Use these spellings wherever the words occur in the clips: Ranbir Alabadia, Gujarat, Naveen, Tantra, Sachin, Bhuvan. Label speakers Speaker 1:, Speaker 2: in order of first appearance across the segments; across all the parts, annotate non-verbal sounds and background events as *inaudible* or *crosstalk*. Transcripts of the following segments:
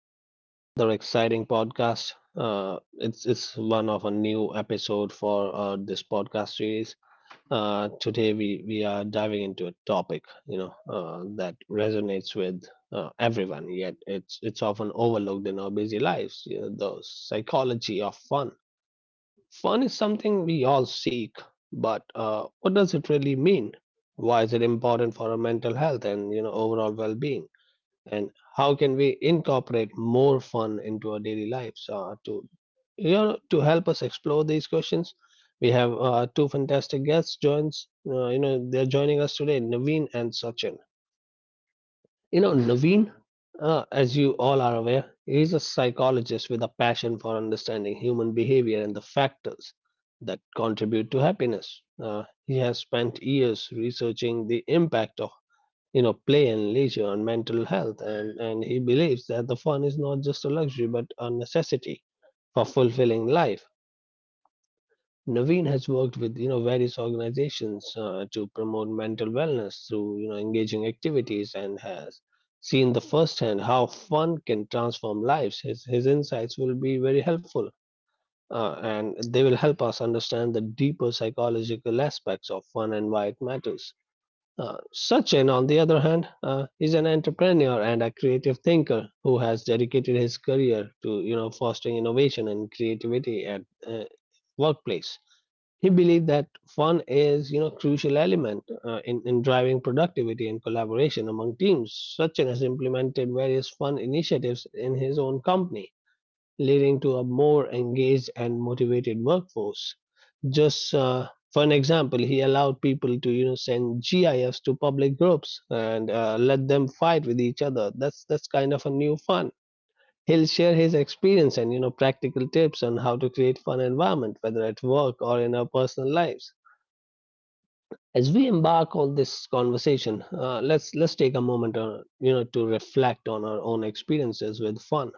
Speaker 1: Another exciting podcast. It's one of a new episode for this podcast series. Today we are diving into a topic that resonates with everyone. Yet it's often overlooked in our busy lives. You know, the psychology of fun. Fun is something we all seek, but what does it really mean? Why is it important for our mental health and overall well-being? And how can we incorporate more fun into our daily lives? To help us explore these questions, we have two fantastic guests joins. They're joining us today, Naveen and Sachin. You know, Naveen, as you all are aware, is a psychologist with a passion for understanding human behavior and the factors that contribute to happiness. He has spent years researching the impact of play and leisure on mental health, and he believes that the fun is not just a luxury but a necessity for fulfilling life. Naveen has worked with various organizations to promote mental wellness through engaging activities and has seen the firsthand how fun can transform lives. His insights will be very helpful, and they will help us understand the deeper psychological aspects of fun and why it matters. Sachin, on the other hand, is an entrepreneur and a creative thinker who has dedicated his career to fostering innovation and creativity at workplace. He believed that fun is, you know, crucial element in driving productivity and collaboration among teams. Sachin has implemented various fun initiatives in his own company, leading to a more engaged and motivated workforce. Just for an example, he allowed people to, you know, send GIFs to public groups and let them fight with each other. That's kind of a new fun. He'll share his experience and practical tips on how to create fun environment, whether at work or in our personal lives as we embark on this conversation. Let's take a moment, to reflect on our own experiences with fun.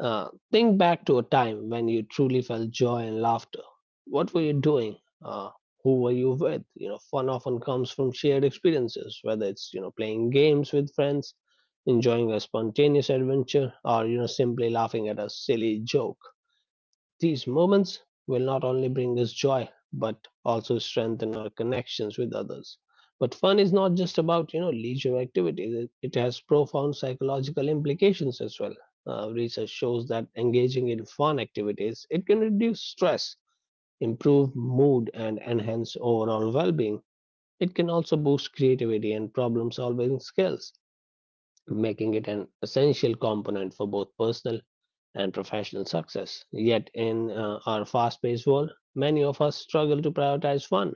Speaker 1: Think back to a time when you truly felt joy and laughter. What were you doing? Who were you with? You know, fun often comes from shared experiences, whether it's playing games with friends, enjoying a spontaneous adventure, or simply laughing at a silly joke. These moments will not only bring us joy, but also strengthen our connections with others. But fun is not just about leisure activities; it has profound psychological implications as well. Research shows that engaging in fun activities it can reduce stress, improve mood, and enhance overall well-being. It can also boost creativity and problem-solving skills, making it an essential component for both personal and professional success. Yet, in our fast paced world, many of us struggle to prioritize fun.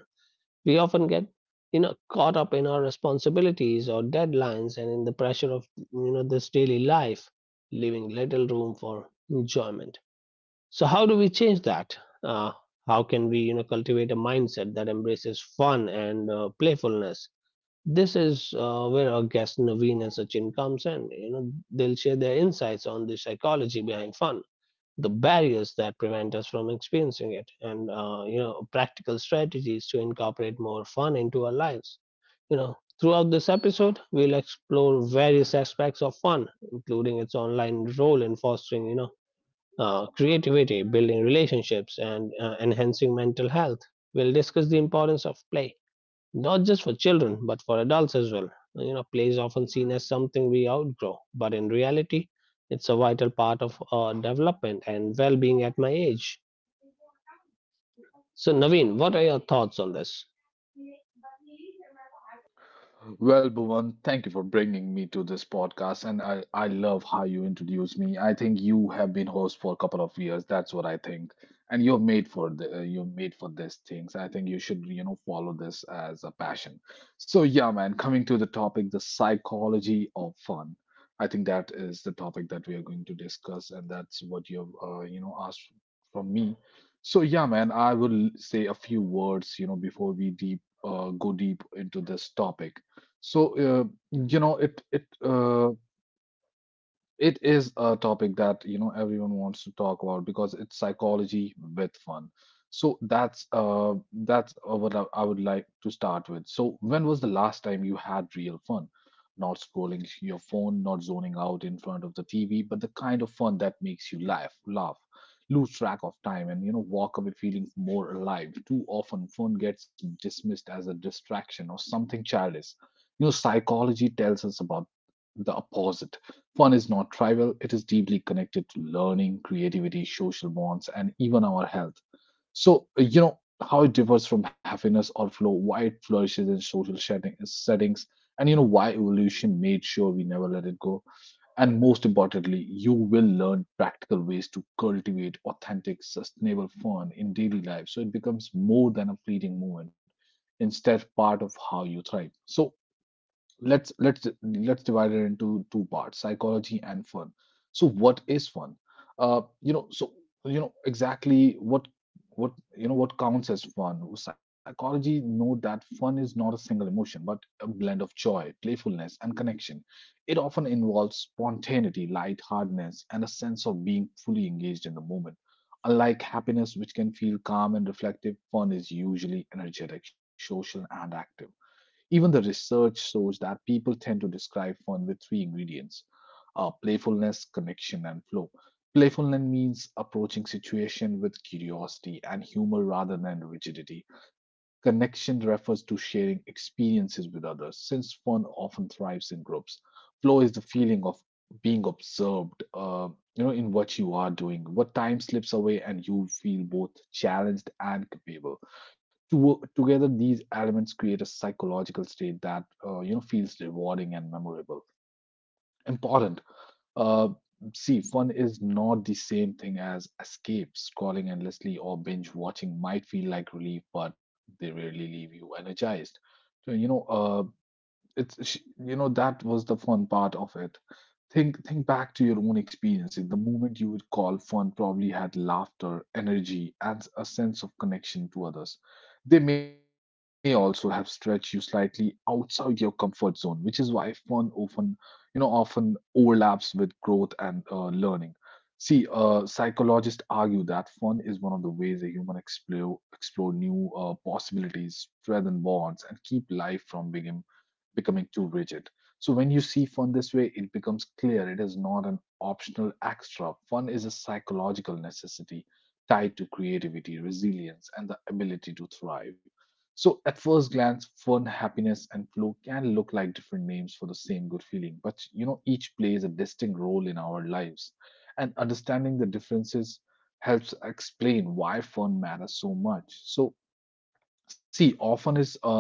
Speaker 1: We often get caught up in our responsibilities or deadlines and in the pressure of this daily life, leaving little room for enjoyment. So how do we change that? Uh, how can we cultivate a mindset that embraces fun and playfulness? This is where our guest Naveen and Sachin comes in. You know they'll share their insights on the psychology behind fun, the barriers that prevent us from experiencing it, and practical strategies to incorporate more fun into our lives. You know throughout this episode we'll explore various aspects of fun, including its online role in fostering creativity, building relationships, and enhancing mental health. We'll discuss the importance of play, not just for children but for adults as well. You know, play is often seen as something we outgrow, but in reality it's a vital part of our development and well-being at my age. So Naveen, what are your thoughts on this?
Speaker 2: Well, Bhuvan, thank you for bringing me to this podcast, and I love how you introduce me. I think you have been host for a couple of years. That's what I think, and you're made for the you're made for these things. I think you should follow this as a passion. So yeah, man, coming to the topic, the psychology of fun. I think that is the topic that we are going to discuss, and that's what you've asked from me. So yeah, man, I will say a few words before we deep go deep into this topic. So uh, you know, it it uh, it is a topic that, everyone wants to talk about because it's psychology with fun. So that's what I would like to start with. So when was the last time you had real fun? Not scrolling your phone, not zoning out in front of the TV, but the kind of fun that makes you laugh, lose track of time, and walk away feeling more alive. Too often, fun gets dismissed as a distraction or something childish. Psychology tells us about the opposite. Fun is not trivial, it is deeply connected to learning, creativity, social bonds, and even our health. So, how it differs from happiness or flow, why it flourishes in settings, and why evolution made sure we never let it go. And most importantly, you will learn practical ways to cultivate authentic, sustainable fun in daily life so it becomes more than a fleeting moment, instead, part of how you thrive. So, let's divide it into two parts: psychology and fun. So what is fun? uh you know so exactly what what counts as fun? Psychology know that fun is not a single emotion but a blend of joy, playfulness, and connection. It often involves spontaneity, lightheartedness, and a sense of being fully engaged in the moment. Unlike happiness, which can feel calm and reflective, fun is usually energetic, social, and active. Even the research shows that people tend to describe fun with three ingredients: playfulness, connection, and flow. Playfulness means approaching situation with curiosity and humor rather than rigidity. Connection refers to sharing experiences with others, since fun often thrives in groups. Flow is the feeling of being observed, in what you are doing. What time slips away and you feel both challenged and capable. Together these elements create a psychological state that feels rewarding and memorable. Important. uh, See, fun is not the same thing as escape. Scrolling endlessly or binge watching might feel like relief, but they rarely leave you energized. So you know it's sh- you know That was the fun part of it. Think back to your own experiences. The moment you would call fun probably had laughter, energy, and a sense of connection to others. They may also have stretched you slightly outside your comfort zone, which is why fun often you know often overlaps with growth and learning. See, psychologists argue that fun is one of the ways a human explore new possibilities, strengthen bonds, and keep life from being becoming too rigid. So when you see fun this way, it becomes clear it is not an optional extra. Fun is a psychological necessity tied to creativity, resilience, and the ability to thrive. So at first glance, fun, happiness, and flow can look like different names for the same good feeling, but each plays a distinct role in our lives. And understanding the differences helps explain why fun matters so much. See, often is uh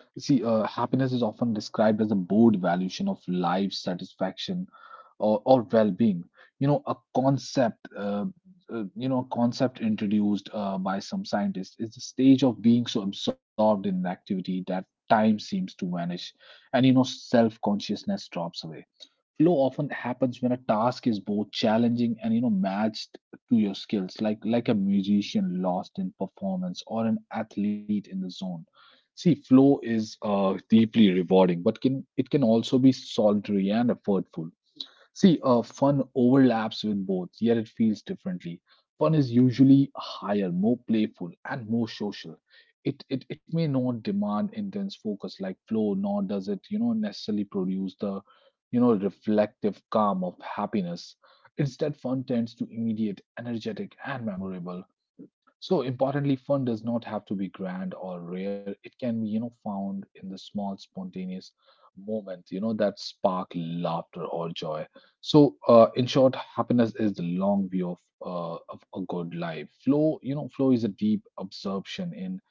Speaker 2: See, happiness is often described as a broad evaluation of life satisfaction or well-being. You know, a concept, uh, a concept introduced by some scientists is the stage of being so absorbed in an activity that time seems to vanish, and self-consciousness drops away. Flow often happens when a task is both challenging and matched to your skills, like a musician lost in performance or an athlete in the zone. See, flow is deeply rewarding, but can it can also be solitary and effortful. See, fun overlaps with both, yet it feels differently. Fun is usually higher, more playful, and more social. It may not demand intense focus like flow, nor does it, necessarily produce the, reflective calm of happiness. Instead, fun tends to immediate, energetic, and memorable. So importantly, fun does not have to be grand or rare. It can be, found in the small, spontaneous moment, that spark laughter or joy. So, in short, happiness is the long view of a good life. Flow, flow is a deep absorption in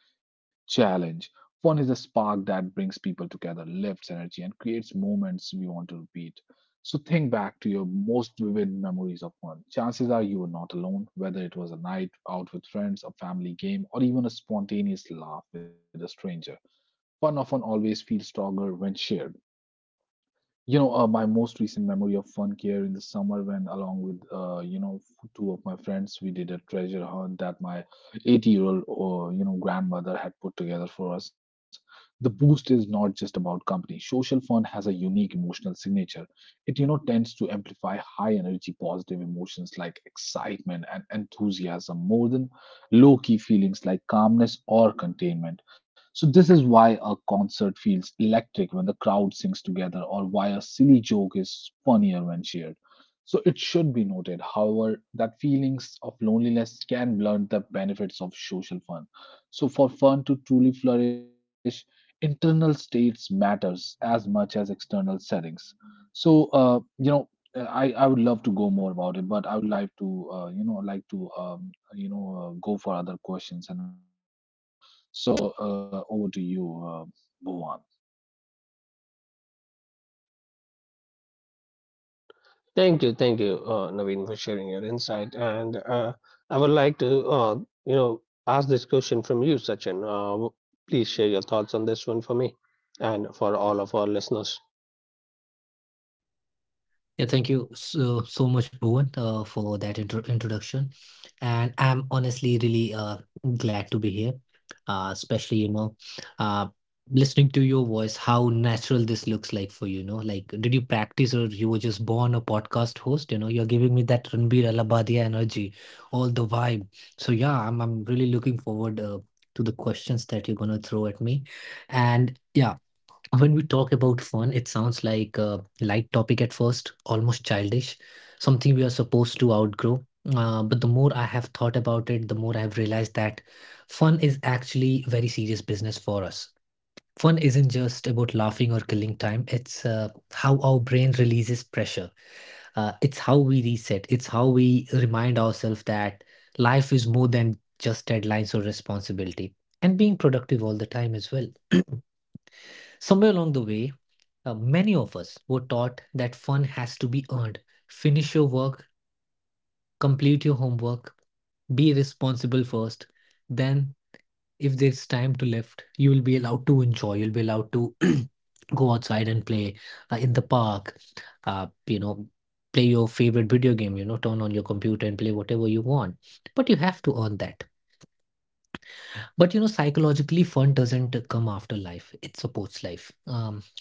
Speaker 2: challenge. Fun is a spark that brings people together, lifts energy, and creates moments we want to repeat. So think back to your most vivid memories of fun. Chances are you were not alone, whether it was a night out with friends, a family game, or even a spontaneous laugh with a stranger. Fun often always feels stronger when shared. My most recent memory of fun here in the summer when, along with, two of my friends, we did a treasure hunt that my 80-year-old, grandmother had put together for us. The boost is not just about company. Social fun has a unique emotional signature. It, tends to amplify high energy, positive emotions like excitement and enthusiasm more than low-key feelings like calmness or containment. So, this is why a concert feels electric when the crowd sings together, or why a silly joke is funnier when shared. So, it should be noted, however, that feelings of loneliness can blunt the benefits of social fun. So, for fun to truly flourish, internal states matters as much as external settings. So, I would love to go more about it, but I would like to, you know, like to, you know, go for other questions and answer you further. So over to you, Bhuvan.
Speaker 1: Thank you, thank you Naveen, for sharing your insight, and I would like to uh, ask this question from you, Sachin. Please share your thoughts on this one for me and for all of our listeners.
Speaker 3: Yeah, thank you so much, Bhuvan, for that introduction. And I'm honestly really glad to be here, especially, you know, uh, listening to your voice, how natural this looks like for you, you know, like did you practice or you were just born a podcast host? You know, you're giving me that Ranbir Alabadia energy, all the vibe. So yeah, I'm really looking forward to the questions that you're gonna throw at me. And yeah. When we talk about fun, it sounds like a light topic at first, almost childish, something we are supposed to outgrow. But the more I have thought about it, the more I've realized that fun is actually very serious business for us. Fun isn't just about laughing or killing time, it's how our brain releases pressure. It's how we reset, it's how we remind ourselves that life is more than just deadlines or responsibility, and being productive all the time as well. *clears throat* Somewhere along the way many of us were taught that fun has to be earned. Finish your work, complete your homework, be responsible first. Then, if there's time to lift, you will be allowed to enjoy. You'll be allowed to *clears throat* go outside and play in the park. You know, play your favorite video game. You know, turn on your computer and play whatever you want. But you have to earn that. But you know, psychologically, fun doesn't come after life, it supports life.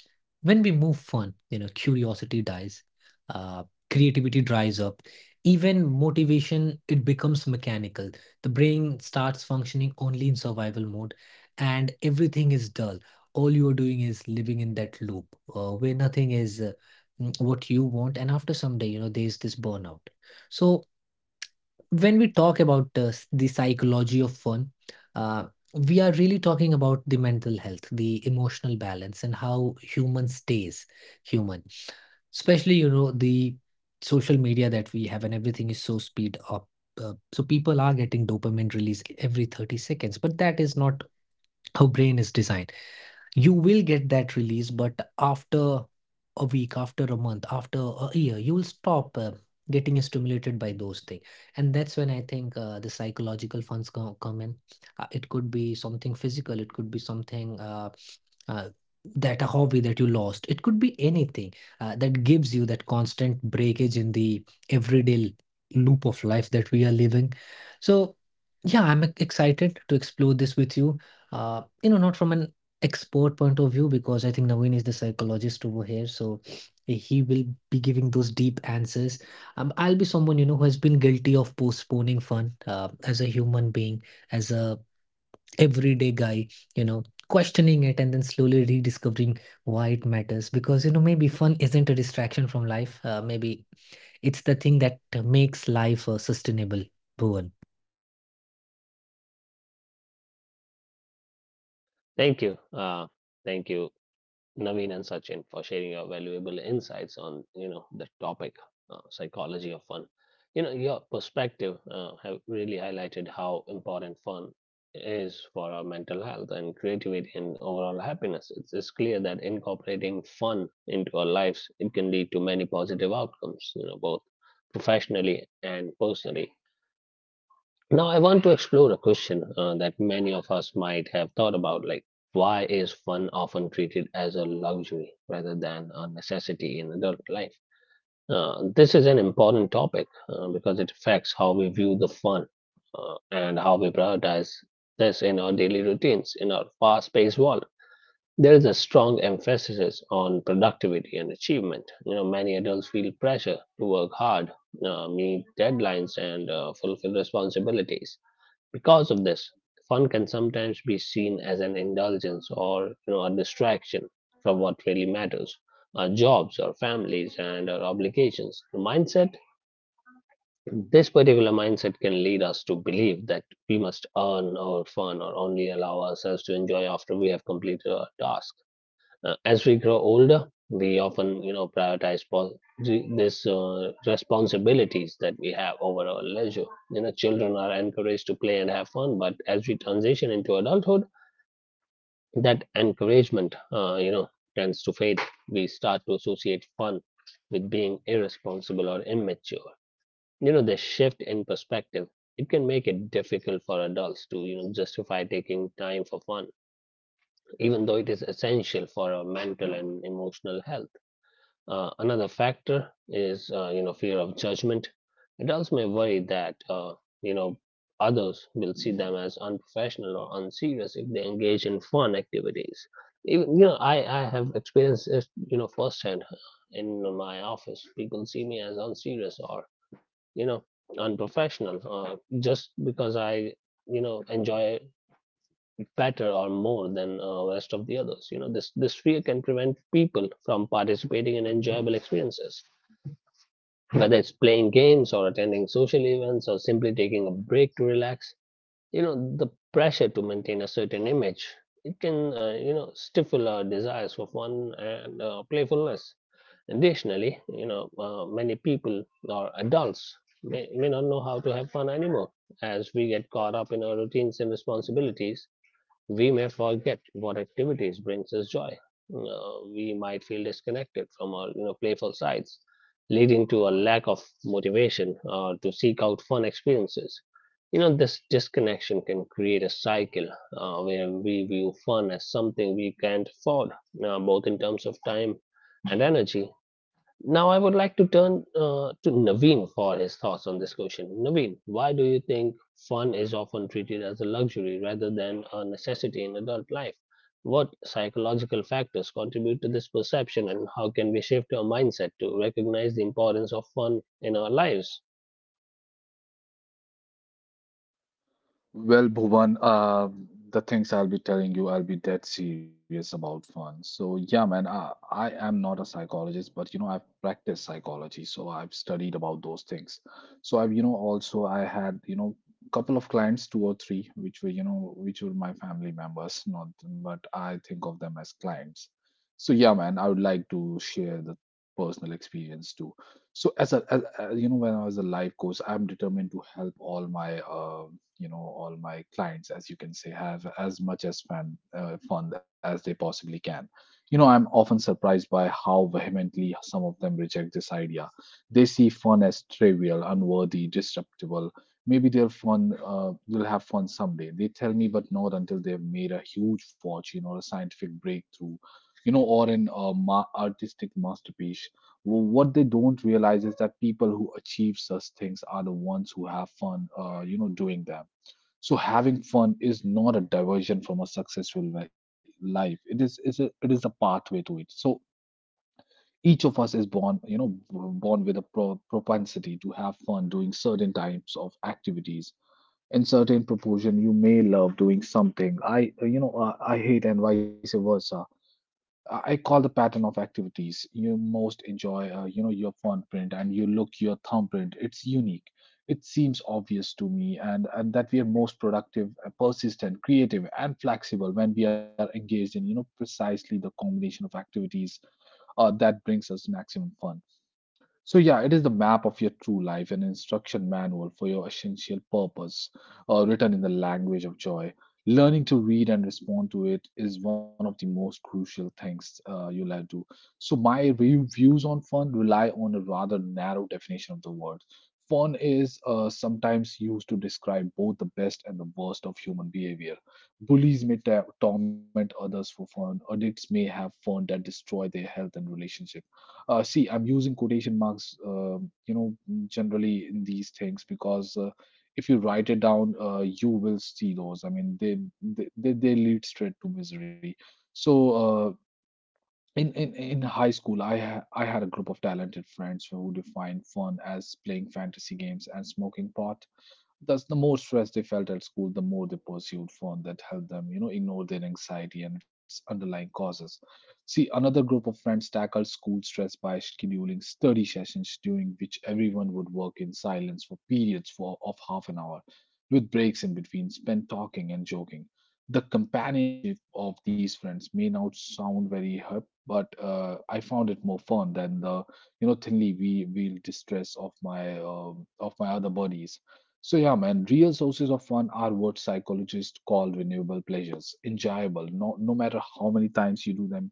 Speaker 3: When we move fun, you know, curiosity dies, uh, creativity dries up, even motivation, it becomes mechanical. The brain starts functioning only in survival mode, and everything is dull. All you are doing is living in that loop where nothing is what you want. And after some day, you know, there's this burnout. So, when we talk about the psychology of fun, uh, we are really talking about the mental health, the emotional balance, and how human stays human. Especially, you know, the social media that we have, and everything is so speed up. So people are getting dopamine release every 30 seconds, but that is not how brain is designed. You will get that release, but after a week, after a month, after a year, you will stop getting stimulated by those things. And that's when I think the psychological funds come in. Uh, it could be something physical, it could be something uh, that a hobby that you lost, it could be anything that gives you that constant breakage in the everyday loop of life that we are living. So yeah, I'm excited to explore this with you, you know, not from an expert point of view, because I think Naveen is the psychologist over here, so he will be giving those deep answers. I'll be someone, you know, who has been guilty of postponing fun as a human being, as a everyday guy, you know, questioning it and then slowly rediscovering why it matters. Because you know maybe fun isn't a distraction from life. Maybe it's the thing that makes life sustainable. Bhuvan,
Speaker 1: Thank you, thank you, Naveen and Sachin, for sharing your valuable insights on the topic, psychology of fun. You know your perspective have really highlighted how important fun is for our mental health and creativity and overall happiness. It's clear that incorporating fun into our lives it can lead to many positive outcomes. You know, both professionally and personally. Now, I want to explore a question that many of us might have thought about, like, why is fun often treated as a luxury rather than a necessity in adult life? This is an important topic because it affects how we view the fun, and how we prioritize this in our daily routines in our fast paced world. There is a strong emphasis on productivity and achievement. You know, many adults feel pressure to work hard, meet deadlines, and fulfill responsibilities. Because of this, fun can sometimes be seen as an indulgence or a distraction from what really matters, our jobs, our families, and our obligations. This particular mindset can lead us to believe that we must earn our fun or only allow ourselves to enjoy after we have completed our task. As we grow older, we often, you know, prioritize this responsibilities that we have over our leisure. You know, children are encouraged to play and have fun, but as we transition into adulthood, that encouragement, tends to fade. We start to associate fun with being irresponsible or immature. You know, the shift in perspective. It can make it difficult for adults to, you know, justify taking time for fun, even though it is essential for our mental and emotional health. Another factor is fear of judgment. Adults may worry that you know others will see them as unprofessional or unserious if they engage in fun activities. Even you know I have experienced this firsthand in my office. People see me as unserious or you know unprofessional just because I enjoy it better or more than rest of the others. You know, this fear can prevent people from participating in enjoyable experiences, whether it's playing games or attending social events or simply taking a break to relax. You know, the pressure to maintain a certain image, it can stifle our desires for fun and playfulness. Additionally, many people or adults may not know how to have fun anymore. As we get caught up in our routines and responsibilities, we may forget what activities brings us joy. We might feel disconnected from our, you know, playful sides, leading to a lack of motivation to seek out fun experiences. You know, this disconnection can create a cycle where we view fun as something we can't afford, both in terms of time and energy. Now, I would like to turn to Naveen for his thoughts on this question. Naveen, why do you think fun is often treated as a luxury rather than a necessity in adult life? What psychological factors contribute to this perception, and how can we shift our mindset to recognize the importance of fun in our lives?
Speaker 2: Well, Bhuvan, the things I'll be telling you, I'll be dead serious about fun. So yeah, man, I am not a psychologist, but I've practiced psychology, so I've studied about those things. So I've, also I had, couple of clients, two or three, which were, which were my family members, not, but I think of them as clients. So yeah, man, I would like to share the personal experience too. So as as, when I was a life coach, I'm determined to help all my all my clients, as you can say, have as much as fun as they possibly can. I'm often surprised by how vehemently some of them reject this idea. They see fun as trivial, unworthy, disruptible. Maybe they'll fun will have fun someday, they tell me, but not until they've made a huge fortune or a scientific breakthrough, or an artistic masterpiece. Well, what they don't realize is that people who achieve such things are the ones who have fun doing them. So having fun is not a diversion from a life. It's it is a pathway to it. So each of us is born, born with propensity to have fun doing certain types of activities in certain proportion. You may love doing something I hate, and vice versa. I call the pattern of activities you most enjoy, your footprint, and you look your thumbprint. It's unique. It seems obvious to me, and that we are most productive, persistent, creative, and flexible when we are engaged in, precisely the combination of activities that brings us maximum fun. So, yeah, it is the map of your true life, an instruction manual for your essential purpose, written in the language of joy. Learning to read and respond to it is one of the most crucial things you'll ever do. So, my views on fun rely on a rather narrow definition of the word. Fun is sometimes used to describe both the best and the worst of human behavior. Bullies may torment others for fun, addicts may have fun that destroy their health and relationship. See, I'm using quotation marks you know generally in these things because if you write it down, you will see those. I mean they lead straight to misery. So, in high school, I had a group of talented friends who defined fun as playing fantasy games and smoking pot. Thus, the more stress they felt at school, the more they pursued fun that helped them ignore their anxiety and its underlying causes. See, another group of friends tackled school stress by scheduling study sessions during which everyone would work in silence for periods of half an hour, with breaks in between spent talking and joking. The companionship of these friends may not sound very hip, but I found it more fun than the thinly we wheel distress of my other buddies. So yeah, man, real sources of fun are what psychologists call renewable pleasures, enjoyable, no matter how many times you do them.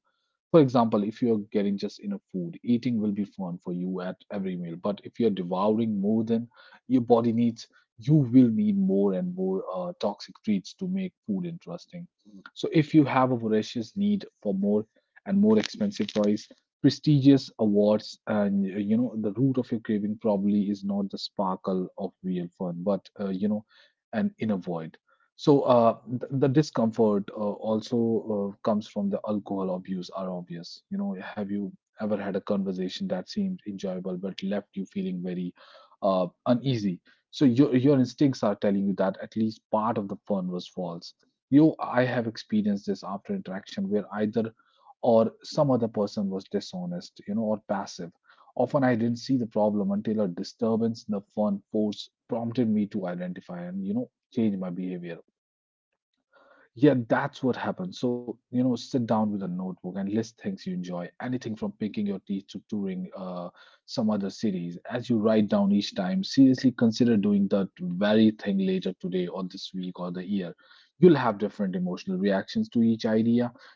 Speaker 2: For example, if you're getting just enough food, eating will be fun for you at every meal. But if you're devouring more than your body needs, you will need more and more toxic treats to make food interesting. So if you have a voracious need for more and more expensive toys, prestigious awards, and the root of your craving probably is not the sparkle of real fun, but an inner void. So the discomfort also comes from the alcohol abuse are obvious. Have you ever had a conversation that seemed enjoyable but left you feeling very uneasy? So your instincts are telling you that at least part of the fun was false. I have experienced this after interaction where either or some other person was dishonest, or passive. Often I didn't see the problem until a disturbance in the fun force prompted me to identify and change my behavior. Yeah, that's what happens. So, sit down with a notebook and list things you enjoy, anything from picking your teeth to touring some other cities. As you write down each time, seriously consider doing that very thing later today or this week or the year. You'll have different emotional reactions to each idea.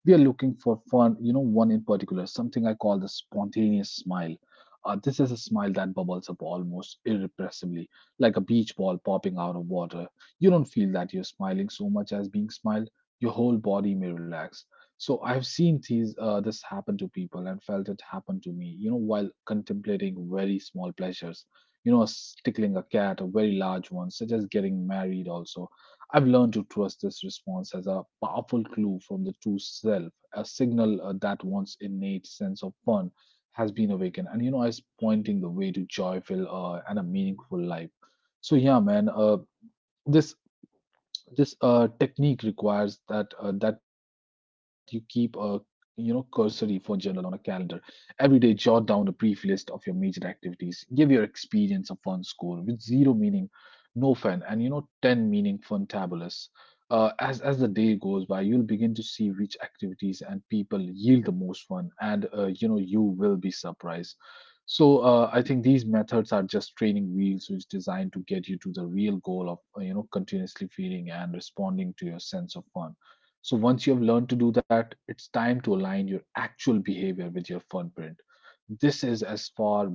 Speaker 2: We are looking for fun, one in particular, something I call the spontaneous smile. This is a smile that bubbles up almost irrepressibly, like a beach ball popping out of water. You don't feel that you're smiling so much as being smiled. Your whole body may relax. So I've seen these this happen to people and felt it happen to me while contemplating very small pleasures, tickling a cat, a very large one such as getting married also. I've learned to trust this response as a powerful clue from the true self, a signal that one's innate sense of fun has been awakened and is pointing the way to joyful and a meaningful life. So yeah, man, this this technique requires that you keep a cursory for journal on a calendar. Every day, jot down a brief list of your major activities. Give your experience a fun score with zero meaning no fun, and ten meaning fun tabulous. As the day goes by, you'll begin to see which activities and people yield the most fun, and you will be surprised. So I think these methods are just training wheels, which is designed to get you to the real goal of continuously feeling and responding to your sense of fun. So once you have learned to do that, it's time to align your actual behavior with your fun print. This is as far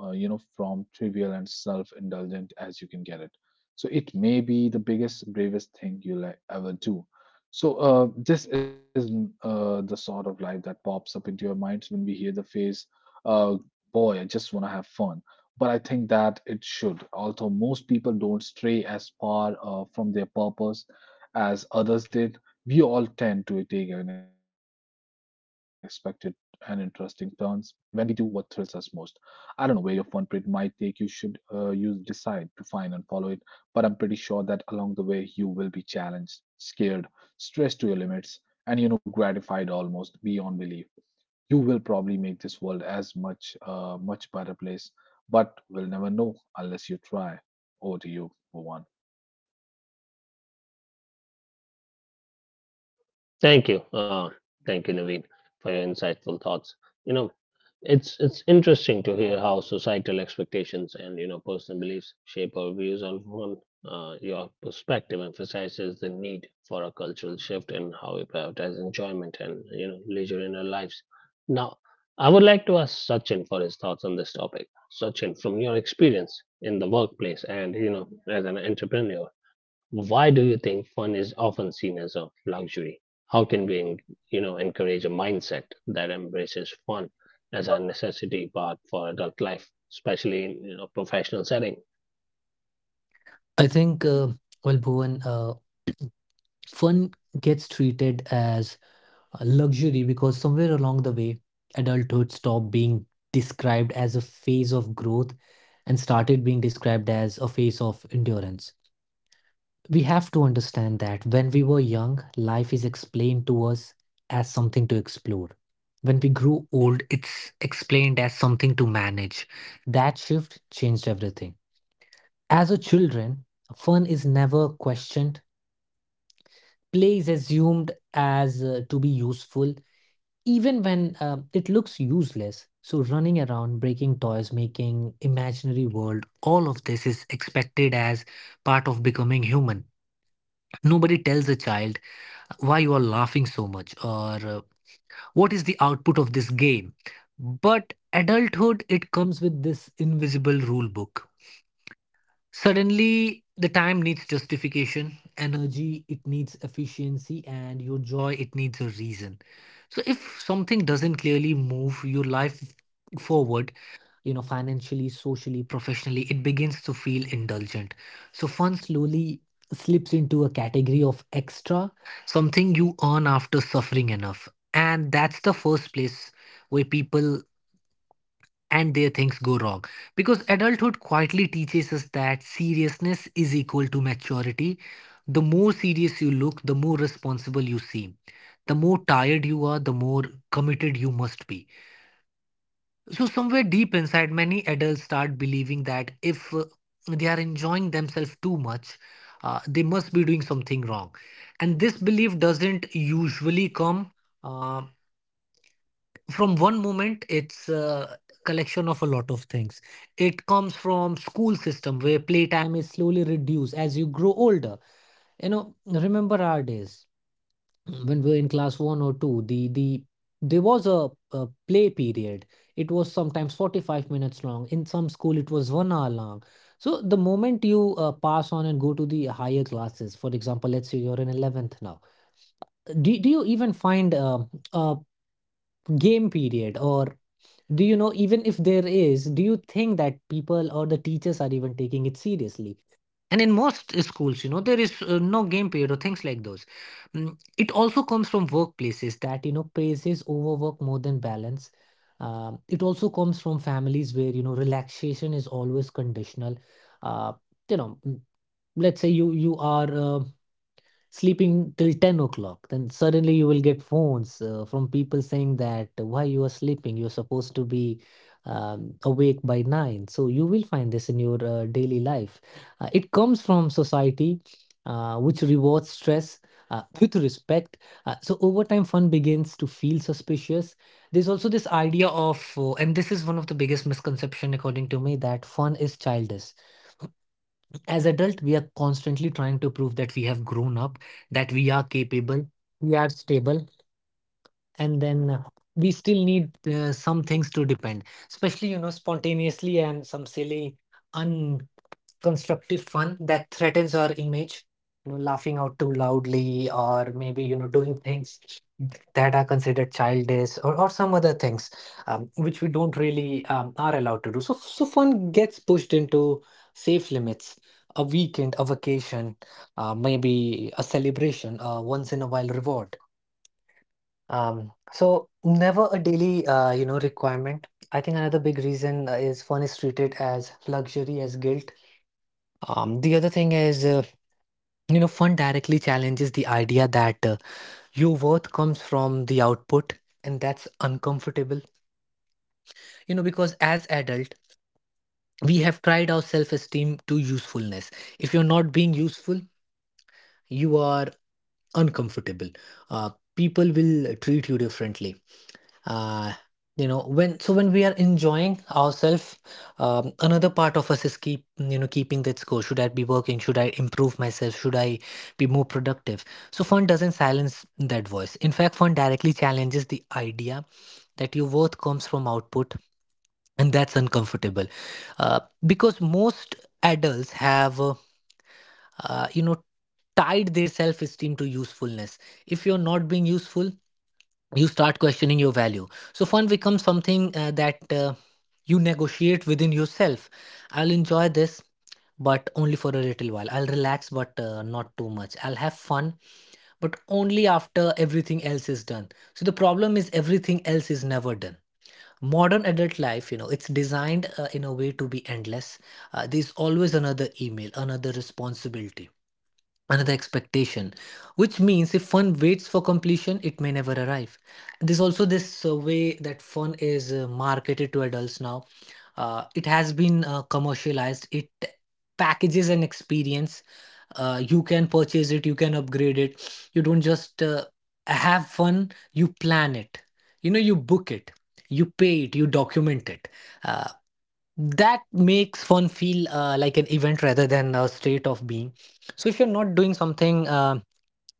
Speaker 2: from trivial and self-indulgent as you can get it. So it may be the biggest, bravest thing you'll ever do. So this is the sort of life that pops up into your minds when we hear the phrase. Uh, Boy, I just want to have fun. But I think that it should, although most people don't stray as far from their purpose as others did, we all tend to take unexpected and interesting turns when we do what thrills us most. I don't know where your fun period might take you, should you decide to find and follow it, but I'm pretty sure that along the way you will be challenged, scared, stressed to your limits, and gratified almost beyond belief. You will probably make this world as much a much better place, but we'll never know unless you try. Over to you, Bhuvan.
Speaker 1: Thank you. Thank you, Naveen, for your insightful thoughts. You know, it's interesting to hear how societal expectations and personal beliefs shape our views on one. Your perspective emphasizes the need for a cultural shift in how we prioritize enjoyment and leisure in our lives. Now, I would like to ask Sachin for his thoughts on this topic. Sachin, from your experience in the workplace and as an entrepreneur, why do you think fun is often seen as a luxury? How can we, encourage a mindset that embraces fun as a necessity part for adult life, especially in a professional setting?
Speaker 3: I think. Well, Bhuvan, fun gets treated as a luxury because somewhere along the way, adulthood stopped being described as a phase of growth and started being described as a phase of endurance. We have to understand that when we were young, life is explained to us as something to explore. When we grew old, it's explained as something to manage. That shift changed everything. As a children, fun is never questioned. Play is assumed as to be useful even when it looks useless. So, running around, breaking toys, making imaginary world, all of this is expected as part of becoming human. Nobody tells a child why you are laughing so much, or what is the output of this game. But adulthood, it comes with this invisible rule book. Suddenly, the time needs justification, energy, it needs efficiency, and your joy, it needs a reason. So, if something doesn't clearly move your life forward, you know, financially, socially, professionally, it begins to feel indulgent. So, fun slowly slips into a category of extra, something you earn after suffering enough. And that's the first place where people and their things go wrong, because adulthood quietly teaches us that seriousness is equal to maturity. The more serious you look, the more responsible you seem. The more tired you are, the more committed you must be. So somewhere deep inside, many adults start believing that if they are enjoying themselves too much, they must be doing something wrong. And this belief doesn't usually come. Uh, from one moment, it's a collection of a lot of things. It comes from school system where playtime is slowly reduced as you grow older. You know, remember our days when we were in class 1 or 2, the there was a play period. It was sometimes 45 minutes long, in some school it was 1 hour long. So the moment you pass on and go to the higher classes, for example, let's say you're in 11th now, do you even find a game period? Or do you know, even if there is, do you think that people or the teachers are even taking it seriously? And in most schools, you know, there is no game period or things like those. Mm, it also comes from workplaces that, you know, praises overwork more than balance. It also comes from families where, you know, relaxation is always conditional. Uh, you know, mm, let's say you are sleeping till 10 o'clock, then suddenly you will get phones from people saying that why you are sleeping, you're supposed to be awake by 9. So you will find this in your daily life. It comes from society which rewards stress with respect. So over time, fun begins to feel suspicious. There's also this idea of and this is one of the biggest misconception according to me, that fun is childish. As adult, we are constantly trying to prove that we have grown up, that we are capable, we are stable. And then we still need some things to depend, especially you know spontaneously, and some silly constructive fun that threatens our image. You know, laughing out too loudly, or maybe you know doing things that are considered childish, or some other things, which we don't really are allowed to do. So so fun gets pushed into safe limits: a weekend, a vacation, maybe a celebration, a once in a while reward, so never a daily you know requirement. I think another big reason is fun is treated as luxury as guilt. Um, the other thing is, you know, fun directly challenges the idea that your worth comes from the output, and that's uncomfortable. You know, because as adult, we have tried our self-esteem to usefulness. If you're not being useful, you are uncomfortable. People will treat you differently. Uh, you know, when so when we are enjoying ourselves, another part of us is keep you know keeping that score: should I be working, should I improve myself, should I be more productive? So fun doesn't silence that voice. In fact, fun directly challenges the idea that your worth comes from output, and that's uncomfortable, uh, because most adults have you know tied their self esteem to usefulness. If you're not being useful, you start questioning your value. So fun becomes something that you negotiate within yourself. I'll enjoy this, but only for a little while. I'll relax, but not too much. I'll have fun, but only after everything else is done. So the problem is, everything else is never done. Modern adult life, you know, it's designed in a way to be endless. There's always another email, another responsibility, another expectation. Which means if fun waits for completion, it may never arrive. There's also this way that fun is marketed to adults now. Uh, it has been commercialized, it packages an experience. Uh, you can purchase it, you can upgrade it. You don't just have fun, you plan it, you know, you book it, you pay it, you document it. Uh, that makes fun feel like an event rather than a state of being. So if you're not doing something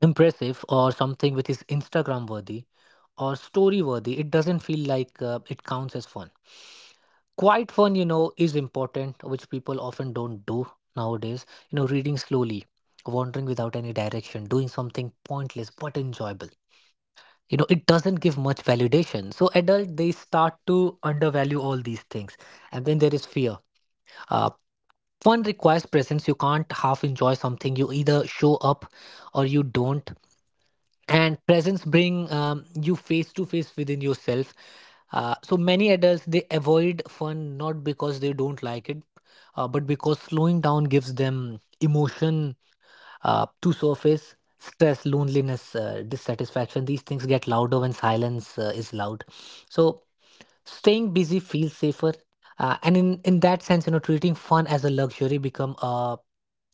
Speaker 3: impressive or something which is Instagram worthy or story worthy, it doesn't feel like it counts as fun. Quiet fun, you know, is important, which people often don't do nowadays. You know, reading slowly, wandering without any direction, doing something pointless but enjoyable, you know, it doesn't give much validation, so adult they start to undervalue all these things. And then
Speaker 1: Thank
Speaker 3: there is
Speaker 1: you.
Speaker 3: fear. Uh, Fun requires presence. You can't half enjoy something. You either show up or you don't. And presence bring you face to face within yourself. So many adults they avoid fun not because they don't like it, but because slowing down gives them emotion to surface. Stress, loneliness, dissatisfaction. These things get louder when silence is loud. So staying busy feels safer. And in, that sense, treating fun as a luxury become a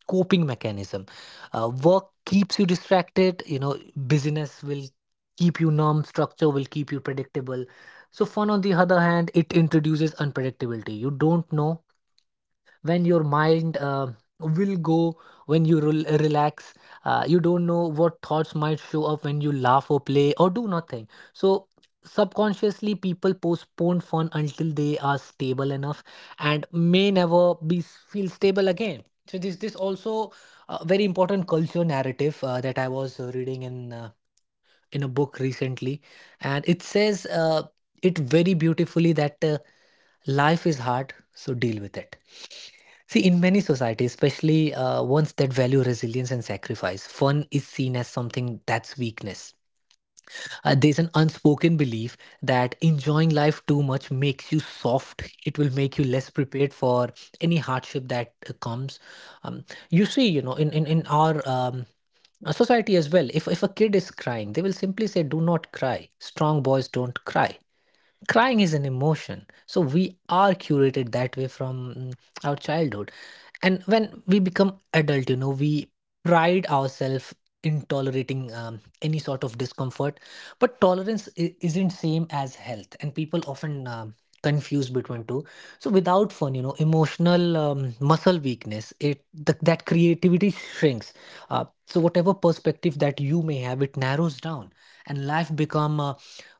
Speaker 3: coping mechanism. Work keeps you distracted. Business will keep you numb, structure will keep you predictable. So, fun, on the other hand, it introduces unpredictability. You don't know when your mind will go, when you relax. You don't know what thoughts might show up when you laugh or play or do nothing, so subconsciously people postpone fun until they are stable enough and may never be feel stable again. So this also a very important culture narrative that I was reading in, in a book recently. And it says, it very beautifully, that life is hard, so deal with it. See, in many societies, especially ones that value resilience and sacrifice, fun is seen as something that's weakness. There's an unspoken belief that enjoying life too much makes you soft. It will make you less prepared for any hardship that comes. You see, in, in our society as well, if a kid is crying, they will simply say, "Do not cry. Strong boys don't cry." Crying is an emotion, so we are curated that way from our childhood. And when we become adult, we pride ourselves in tolerating any sort of discomfort. But tolerance isn't same as health, and people often confuse between two. So without fun, emotional muscle weakness, that creativity shrinks. So whatever perspective that you may have, it narrows down, and life become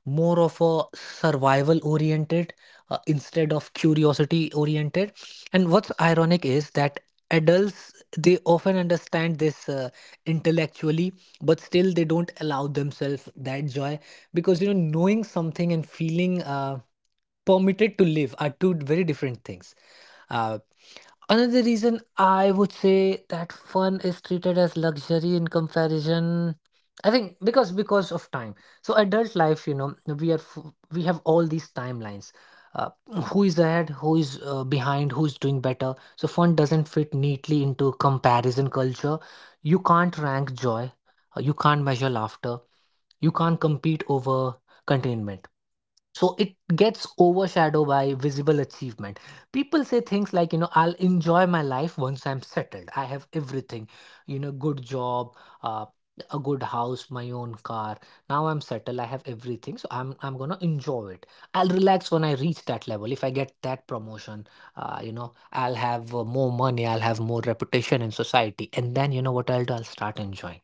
Speaker 3: more of a survival oriented instead of curiosity oriented. And what's ironic is that adults they often understand this intellectually, but still they don't allow themselves that joy. Because knowing something and feeling permitted to live are two very different things. Uh, Another reason I would say that fun is treated as luxury in comparison, I think, because of time. So adult life, we have all these timelines. Uh, who is ahead? Who is behind? Who's doing better? So fun doesn't fit neatly into comparison culture. You can't rank joy. You can't measure laughter. You can't compete over containment, so it gets overshadowed by visible achievement. People say things like, I'll enjoy my life once I'm settled, I have everything. Good job, uh, a good house, my own car. Now I'm settled, I have everything, so I'm going to enjoy it. I'll relax when I reach that level, if I get that promotion. I'll have more money, I'll have more reputation in society, and then you know what I'll do, I'll start enjoying.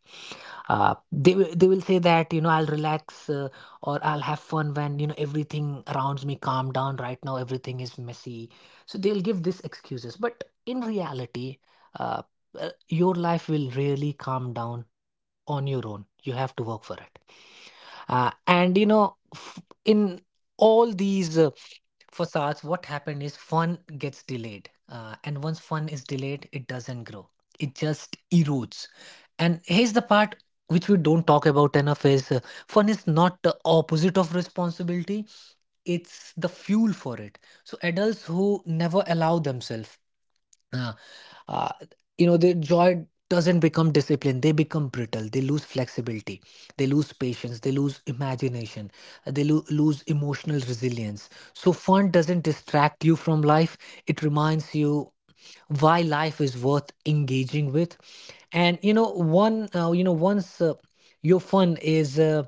Speaker 3: They will say that, I'll relax, or I'll have fun when everything around me calm down. Right now everything is messy, so they'll give these excuses. But in reality, uh, your life will really calm down on your own, you have to work for it. And in all these for SARS, what happened is fun gets delayed. And once fun is delayed, it doesn't grow, it just erodes. And here's the part which we don't talk about enough is, fun is not the opposite of responsibility, it's the fuel for it. So adults who never allow themselves uh, uh, their joy doesn't become discipline, they become brittle, they lose flexibility, they lose patience, they lose imagination. They lose emotional resilience. So fun doesn't distract you from life, it reminds you why life is worth engaging with. And you know one you know once your fun is uh,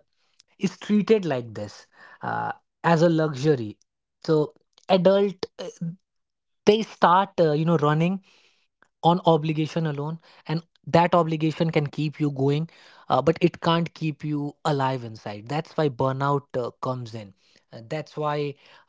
Speaker 3: is treated like this, uh, as a luxury, so adult they start, running on obligation alone. And that obligation can keep you going, but it can't keep you alive inside. That's why burnout comes in. That's why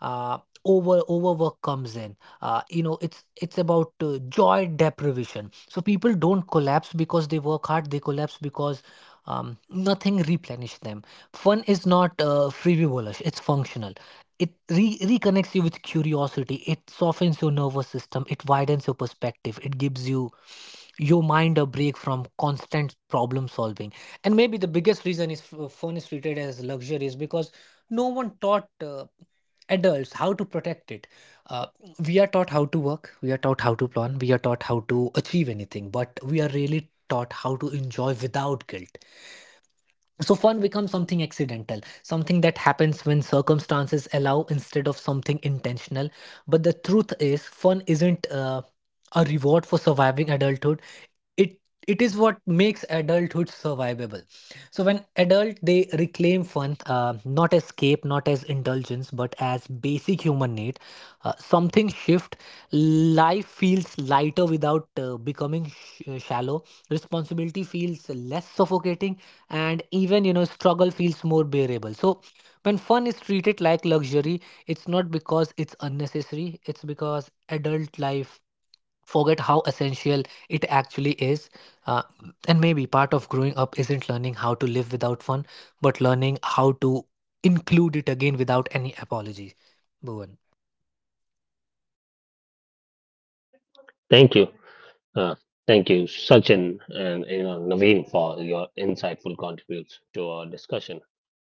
Speaker 3: uh, overwork comes in. uh, you know it's it's about joy deprivation. So people don't collapse because they work hard, they collapse because um, nothing replenish them. Fun is not frivolous, it's functional. It reconnects you with curiosity. It softens your nervous system. It widens your perspective. It gives you your mind a break from constant problem solving. And maybe the biggest reason phone is treated as luxury is because no one taught adults how to protect it. Uh, we are taught how to work. We are taught how to plan. We are taught how to achieve anything. But we are really taught how to enjoy without guilt. So fun becomes something accidental, something that happens when circumstances allow instead of something intentional. But the truth is, fun isn't a reward for surviving adulthood. It it is what makes adulthood survivable. So when adult they reclaim fun, not as escape, not as indulgence, but as basic human need. Something shift. Life feels lighter without becoming shallow. Responsibility feels less suffocating, and even struggle feels more bearable. So when fun is treated like luxury, it's not because it's unnecessary, it's because adult life forget how essential it actually is. Uh, and maybe part of growing up isn't learning how to live without fun, but learning how to include it again without any apology. Bhuvan.
Speaker 1: Thank you. Uh, Thank you, Sachin and Naveen, for your insightful contributes to our discussion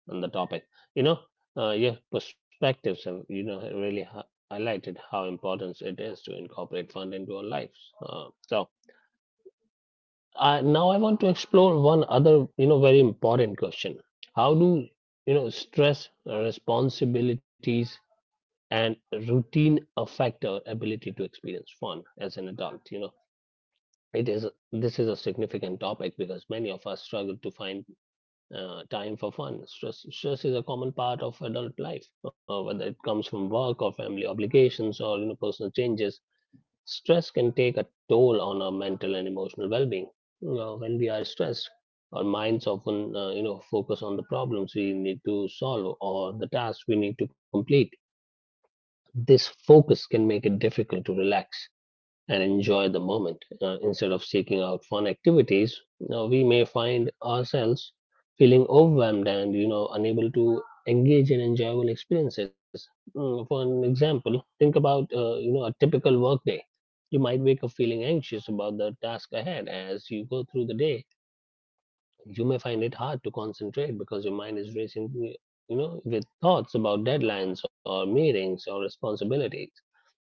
Speaker 1: on the topic. You know, your perspectives have really highlighted how important it is to incorporate fun into our lives. So now I want to explore one other, you know, very important question. How do stress, responsibilities, and routine affect our ability to experience as an adult? You know It is this is a significant topic because many of us struggle to find time for fun. Stress is a common part of adult life, whether it comes from work or family obligations or personal changes. Stress can take a toll on our mental and emotional well-being. When we are stressed, our minds often focus on the problems we need to solve or the tasks we need to complete. This focus can make it difficult to relax and enjoy the moment. Instead of seeking out fun activities, we may find ourselves feeling overwhelmed and unable to engage in enjoyable experiences. For an example, think about a typical workday. You might wake up feeling anxious about the task ahead as you go through the day. You may find it hard to concentrate because your mind is racing, with thoughts about deadlines or meetings or responsibilities.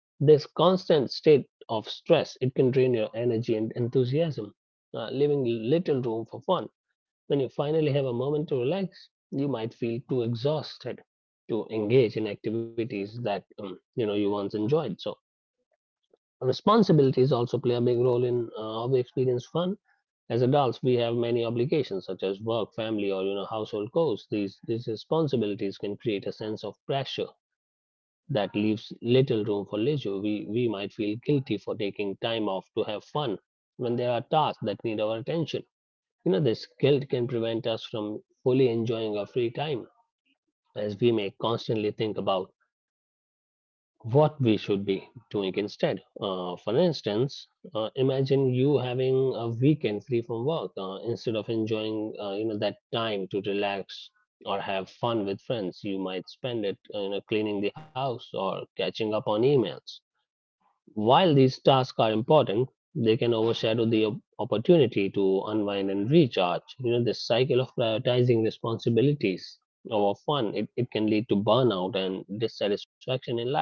Speaker 1: This constant state of stress, it can drain your energy and enthusiasm, leaving little room for fun. When you finally have a moment to relax, you might feel too exhausted to engage in activities that you once enjoyed. So responsibilities also play a big role in how we experience fun. As adults we have many obligations such as work, family, or household chores. These responsibilities can create a sense of pressure that leaves little room for leisure. We feel guilty for taking time off to have fun when there are tasks that need our attention. You know, this guilt can prevent us from fully enjoying our free time, as we may constantly think about what we should be doing instead. For instance, imagine you having a weekend free from work. Instead of enjoying that time to relax or have fun with friends, you might spend it cleaning the house or catching up on emails. While these tasks are important, they can overshadow the opportunity to unwind and recharge. You know, this cycle of prioritizing responsibilities over fun, it can lead to burnout and dissatisfaction in life.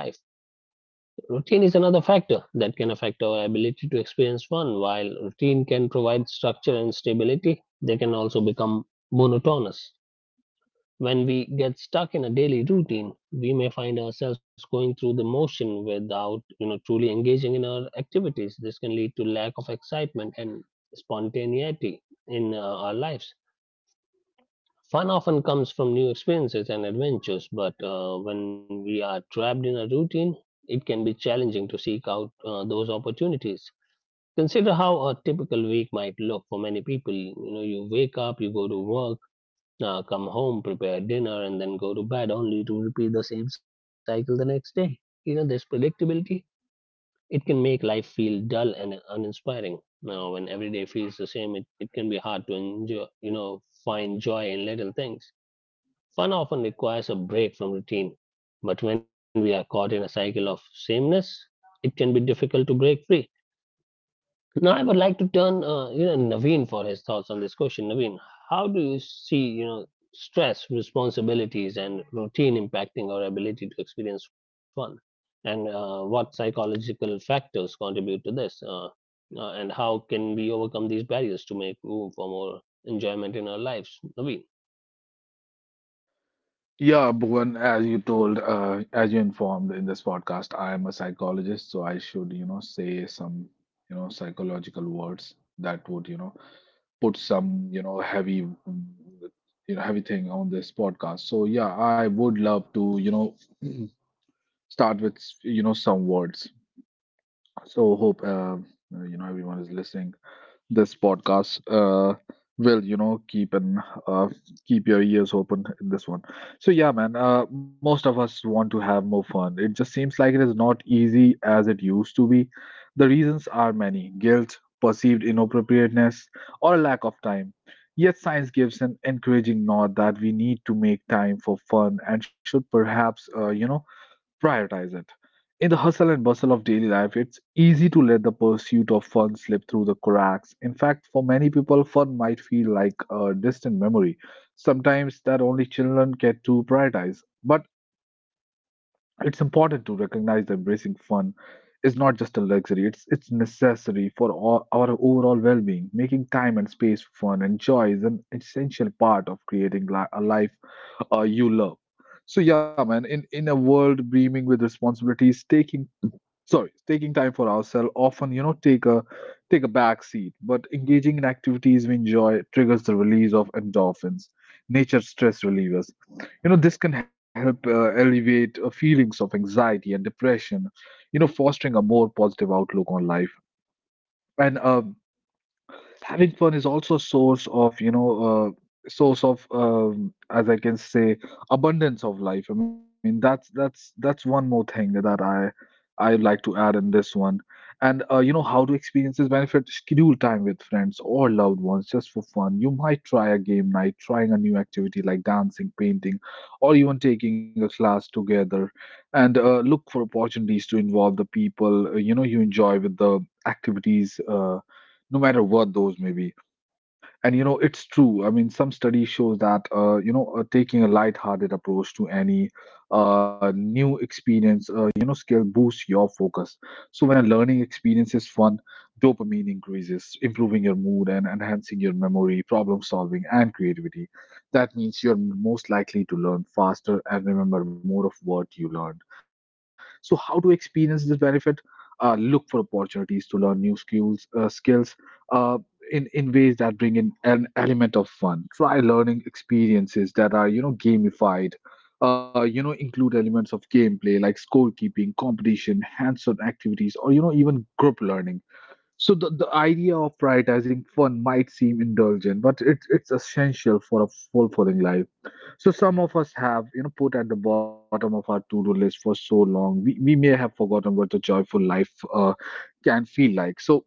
Speaker 1: Routine is another factor that can affect our ability to experience fun. While routine can provide structure and stability, they can also become monotonous. When we get stuck in a daily routine, we may find ourselves going through the motion without, you know, truly engaging in our activities. This can lead to lack of excitement and spontaneity in our lives. Fun often comes from new experiences and adventures, but when we are trapped in a routine, it can be challenging to seek out those opportunities. Consider how a typical week might look for many people. You know, you wake up, you go to work, come home, prepare dinner, and then go to bed only to repeat the same cycle the next day. You know, this predictability, it can make life feel dull and uninspiring. Now, when every day feels the same, it can be hard to enjoy, you know, find joy in little things. Fun often requires a break from routine, but when we are caught in a cycle of sameness, it can be difficult to break free. Now, I would like to turn, Naveen for his thoughts on this question. Naveen, how do you see, you know, stress, responsibilities, and routine impacting our ability to experience fun? And what psychological factors contribute to this? And how can we overcome these barriers to make room for more enjoyment in our lives? Naveen.
Speaker 2: Yeah, Bhuvan, as as you informed in this podcast, I am a psychologist, so I should say some psychological words that would put some, you know, heavy, mm, you know, heavy thing on this podcast. So yeah, I would love to *clears throat* start with some words. So hope, everyone is listening this podcast will uh, keep your ears open in this one. So yeah, man, most of us want to have more fun. It just seems like it is not easy as it used to be. The reasons are many: guilt, perceived inappropriateness, or a lack of time. Yet science gives an encouraging nod that we need to make time for fun and should perhaps prioritize it. In the hustle and bustle of daily life, it's easy to let the pursuit of fun slip through the cracks. In fact, for many people, fun might feel like a distant memory, sometimes that only children get to prioritize. But it's important to recognize that embracing fun is not just a luxury, it's necessary for all, our overall well being. Making time and space for fun and joy is an essential part of creating a life you love. So yeah, man, in a world brimming with responsibilities, taking time for ourselves often, take a back seat. But engaging in activities we enjoy triggers the release of endorphins, nature stress relievers. This can help alleviate feelings of anxiety and depression, fostering a more positive outlook on life. And having fun is also a uh, source of as I can say abundance of life. I mean, that's one more thing that I like to add in this one. And how do experiences benefit? Schedule time with friends or loved ones just for fun. You might try a game night, trying a new activity like dancing, painting, or even taking a class together. And look for opportunities to involve the people you enjoy with the activities, no matter what those may be. And it's true. I mean, some study shows that taking a light-hearted approach to any new experience skill boosts your focus. So when a learning experience is fun, dopamine increases, improving your mood and enhancing your memory, problem solving, and creativity. That means you're most likely to learn faster and remember more of what you learned. So how to experience this benefit? Look for opportunities to learn new skills uh, in ways that bring in an element of fun. Try learning experiences that are gamified, include elements of gameplay like scorekeeping, competition, hands-on activities, or even group learning. So the idea of prioritizing fun might seem indulgent, but it's essential for a fulfilling life. So some of us have put at the bottom of our to-do list for so long, we may have forgotten what the joyful life can feel like. So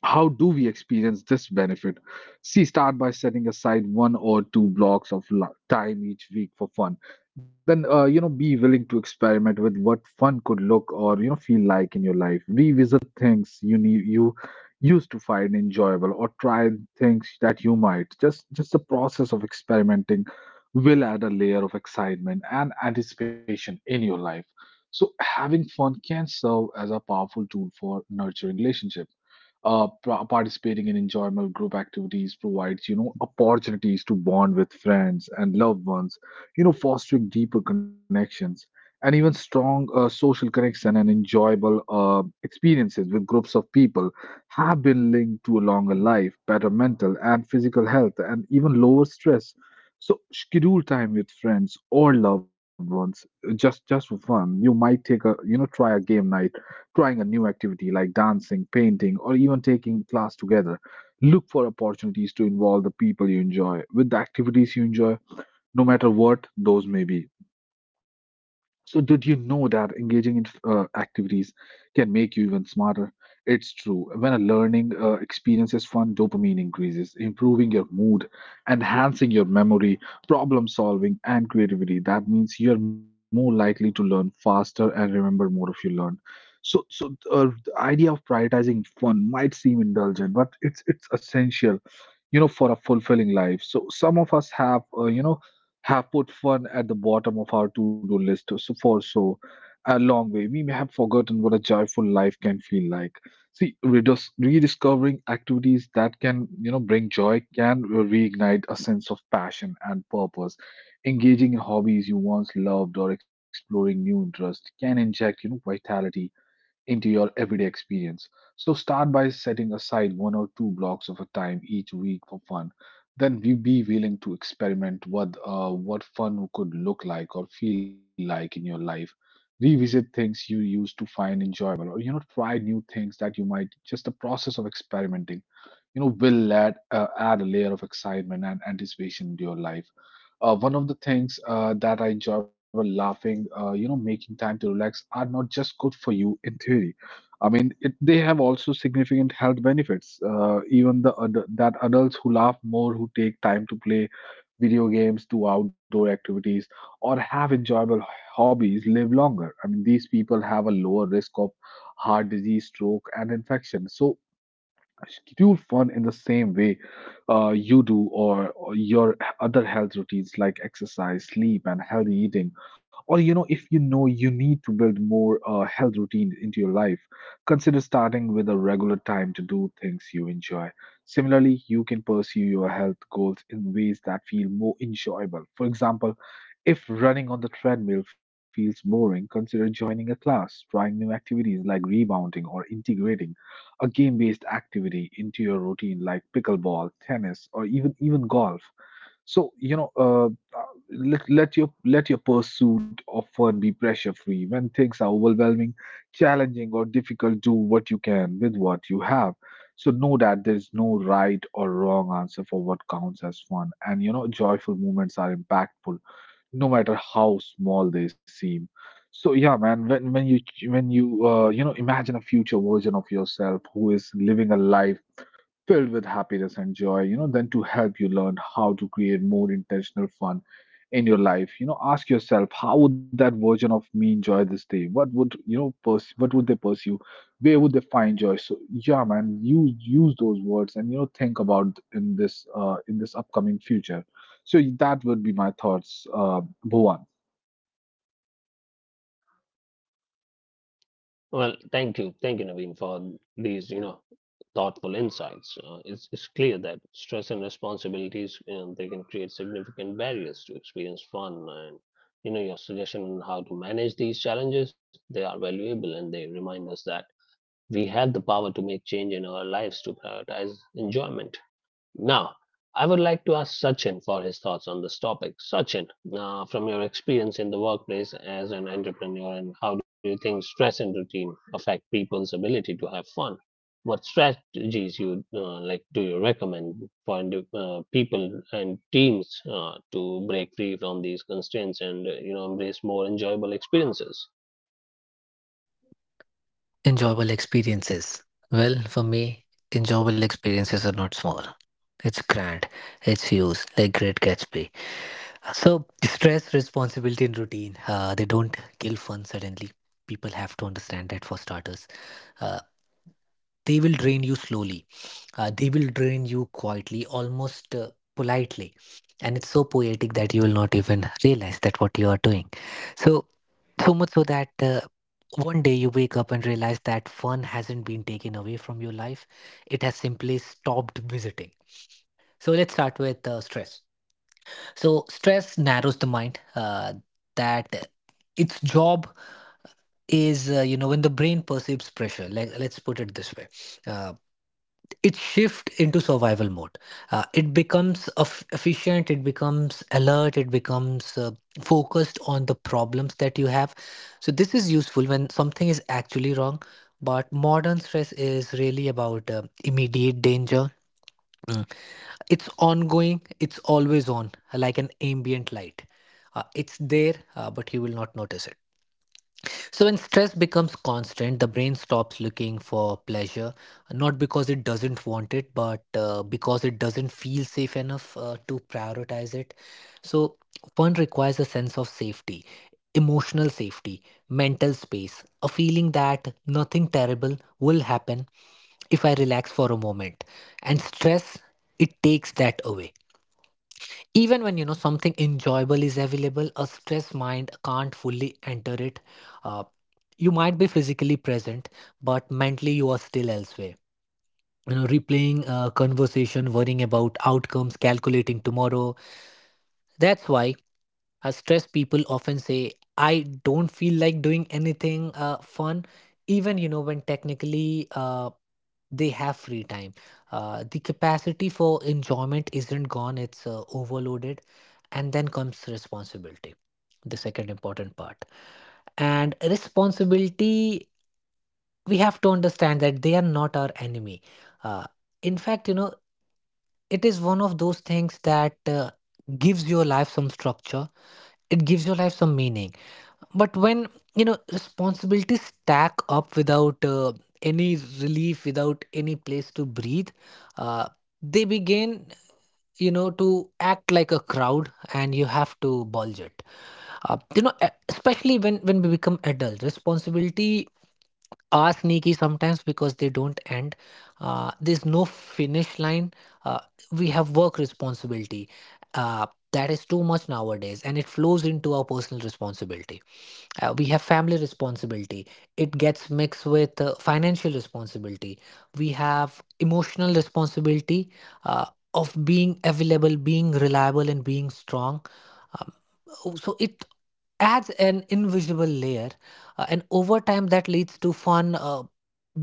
Speaker 2: how do we experience this benefit? See, start by setting aside one or two blocks of time each week for fun. Then, be willing to experiment with what fun could look or feel like in your life. Revisit things you used to find enjoyable, or try things that you might. Just the process of experimenting will add a layer of excitement and anticipation in your life. So, having fun can serve as a powerful tool for nurturing relationship participating in enjoyable group activities provides opportunities to bond with friends and loved ones, fostering deeper connections. And even strong social connection and enjoyable experiences with groups of people have been linked to a longer life, better mental and physical health, and even lower stress. So schedule time with friends or loved ones just for fun. You might take a try a game night, trying a new activity like dancing, painting, or even taking class together. Look for opportunities to involve the people you enjoy with the activities you enjoy, no matter what those may be. So, did you know that engaging in activities can make you even smarter? It's true. When a learning experience is fun, dopamine increases, improving your mood, enhancing your memory, problem solving, and creativity. That means you're more likely to learn faster and remember more if you learn. So the idea of prioritizing fun might seem indulgent, but it's essential, you know, for a fulfilling life. So, some of us have, you know, have put fun at the bottom of our to-do list so for so a long way. We may have forgotten what a joyful life can feel like. Rediscovering activities that can bring joy can reignite a sense of passion and purpose. Engaging in hobbies you once loved or exploring new interests can inject vitality into your everyday experience. So start by setting aside one or two blocks of a time each week for fun. Then we be willing to experiment what fun could look like or feel like in your life. Revisit things you used to find enjoyable, or you know, try new things that you might. Just the process of experimenting will add add a layer of excitement and anticipation to your life. One of the things that I enjoy about laughing, you know, making time to relax are not just good for you in theory. I mean it, they have also significant health benefits. That adults who laugh more, who take time to play video games, do outdoor activities, or have enjoyable hobbies live longer. I mean, these people have a lower risk of heart disease, stroke, and infection. So schedule fun in the same way you do or your other health routines like exercise, sleep, and healthy eating. Or you know, if you know you need to build more health routines into your life, consider starting with a regular time to do things you enjoy. Similarly, you can pursue your health goals in ways that feel more enjoyable. For example, if running on the treadmill feels boring, consider joining a class, trying new activities like rebounding, or integrating a game-based activity into your routine like pickleball, tennis, or even golf. So, you know, let your pursuit of fun be pressure-free. When things are overwhelming, challenging, or difficult, do what you can with what you have. So know that there is no right or wrong answer for what counts as fun. And you know, joyful moments are impactful no matter how small they seem. So yeah, man, when you know, imagine a future version of yourself who is living a life filled with happiness and joy, you know, then to help you learn how to create more intentional fun in your life. You know, ask yourself, how would that version of me enjoy this day? What would you know? Pers- What would they pursue? Where would they find joy? So yeah, man, you use those words and you know think about in this upcoming future. So that would be my thoughts, Bhuvan.
Speaker 1: Well, thank you. Thank you, Naveen, for these, you thoughtful insights. It's clear that stress and responsibilities, you know, they can create significant barriers to experience fun. And you know, your suggestion on how to manage these challenges, they are valuable, and they remind us that we have the power to make change in our lives to prioritize enjoyment. Now, I would like to ask Sachin for his thoughts on this topic. Sachin, from your experience in the workplace as an entrepreneur, and how do you think stress and routine affect people's ability to have fun? What strategies you like do you recommend for people and teams to break free from these constraints and embrace more enjoyable experiences?
Speaker 3: Enjoyable experiences? Well, for me, enjoyable experiences are not small, it's grand, it's huge, like Great Gatsby. So, stress, responsibility, and routine, they don't kill fun suddenly. People have to understand that for starters. Uh, they will drain you slowly, they will drain you quietly, almost politely. And it's so poetic that you will not even realize that what you are doing. So, so much so that one day you wake up and realize that fun hasn't been taken away from your life, it has simply stopped visiting. So, let's start with stress. So stress narrows the mind. That its job is, when the brain perceives pressure. Like, let's put it this way, uh, it shifts into survival mode. It becomes efficient. It becomes alert. It becomes focused on the problems that you have. So this is useful when something is actually wrong. But modern stress is really about immediate danger. Hmm. It's ongoing, it's always on, like an ambient light. It's there, but you will not notice it. So when stress becomes constant, the brain stops looking for pleasure, not because it doesn't want it, but because it doesn't feel safe enough to prioritize it. So fun requires a sense of safety, emotional safety, mental space, a feeling that nothing terrible will happen if I relax for a moment. And stress, it takes that away. Even when something enjoyable is available, a stressed mind can't fully enter it. uh, you might be physically present, but mentally you are still elsewhere, replaying a conversation, worrying about outcomes, calculating tomorrow. That's why stressed people often say I don't feel like doing anything fun, even when technically they have free time. The capacity for enjoyment isn't gone, it's overloaded. And then comes responsibility, the second important part. And responsibility, we have to understand that they are not our enemy. uh, in fact, it is one of those things that gives your life some structure, it gives your life some meaning. But when responsibilities stack up without any relief, without any place to breathe, uh, they begin, to act like a crowd and you have to bulge it. Especially when we become adults, responsibility are sneaky sometimes because they don't end. There's no finish line. uh, we have work responsibility, uh, that is too much nowadays, and it flows into our personal responsibility. We have family responsibility, it gets mixed with financial responsibility. We have emotional responsibility, uh, of being available, being reliable, and being strong. Um, so it adds an invisible layer. And over time that leads to fun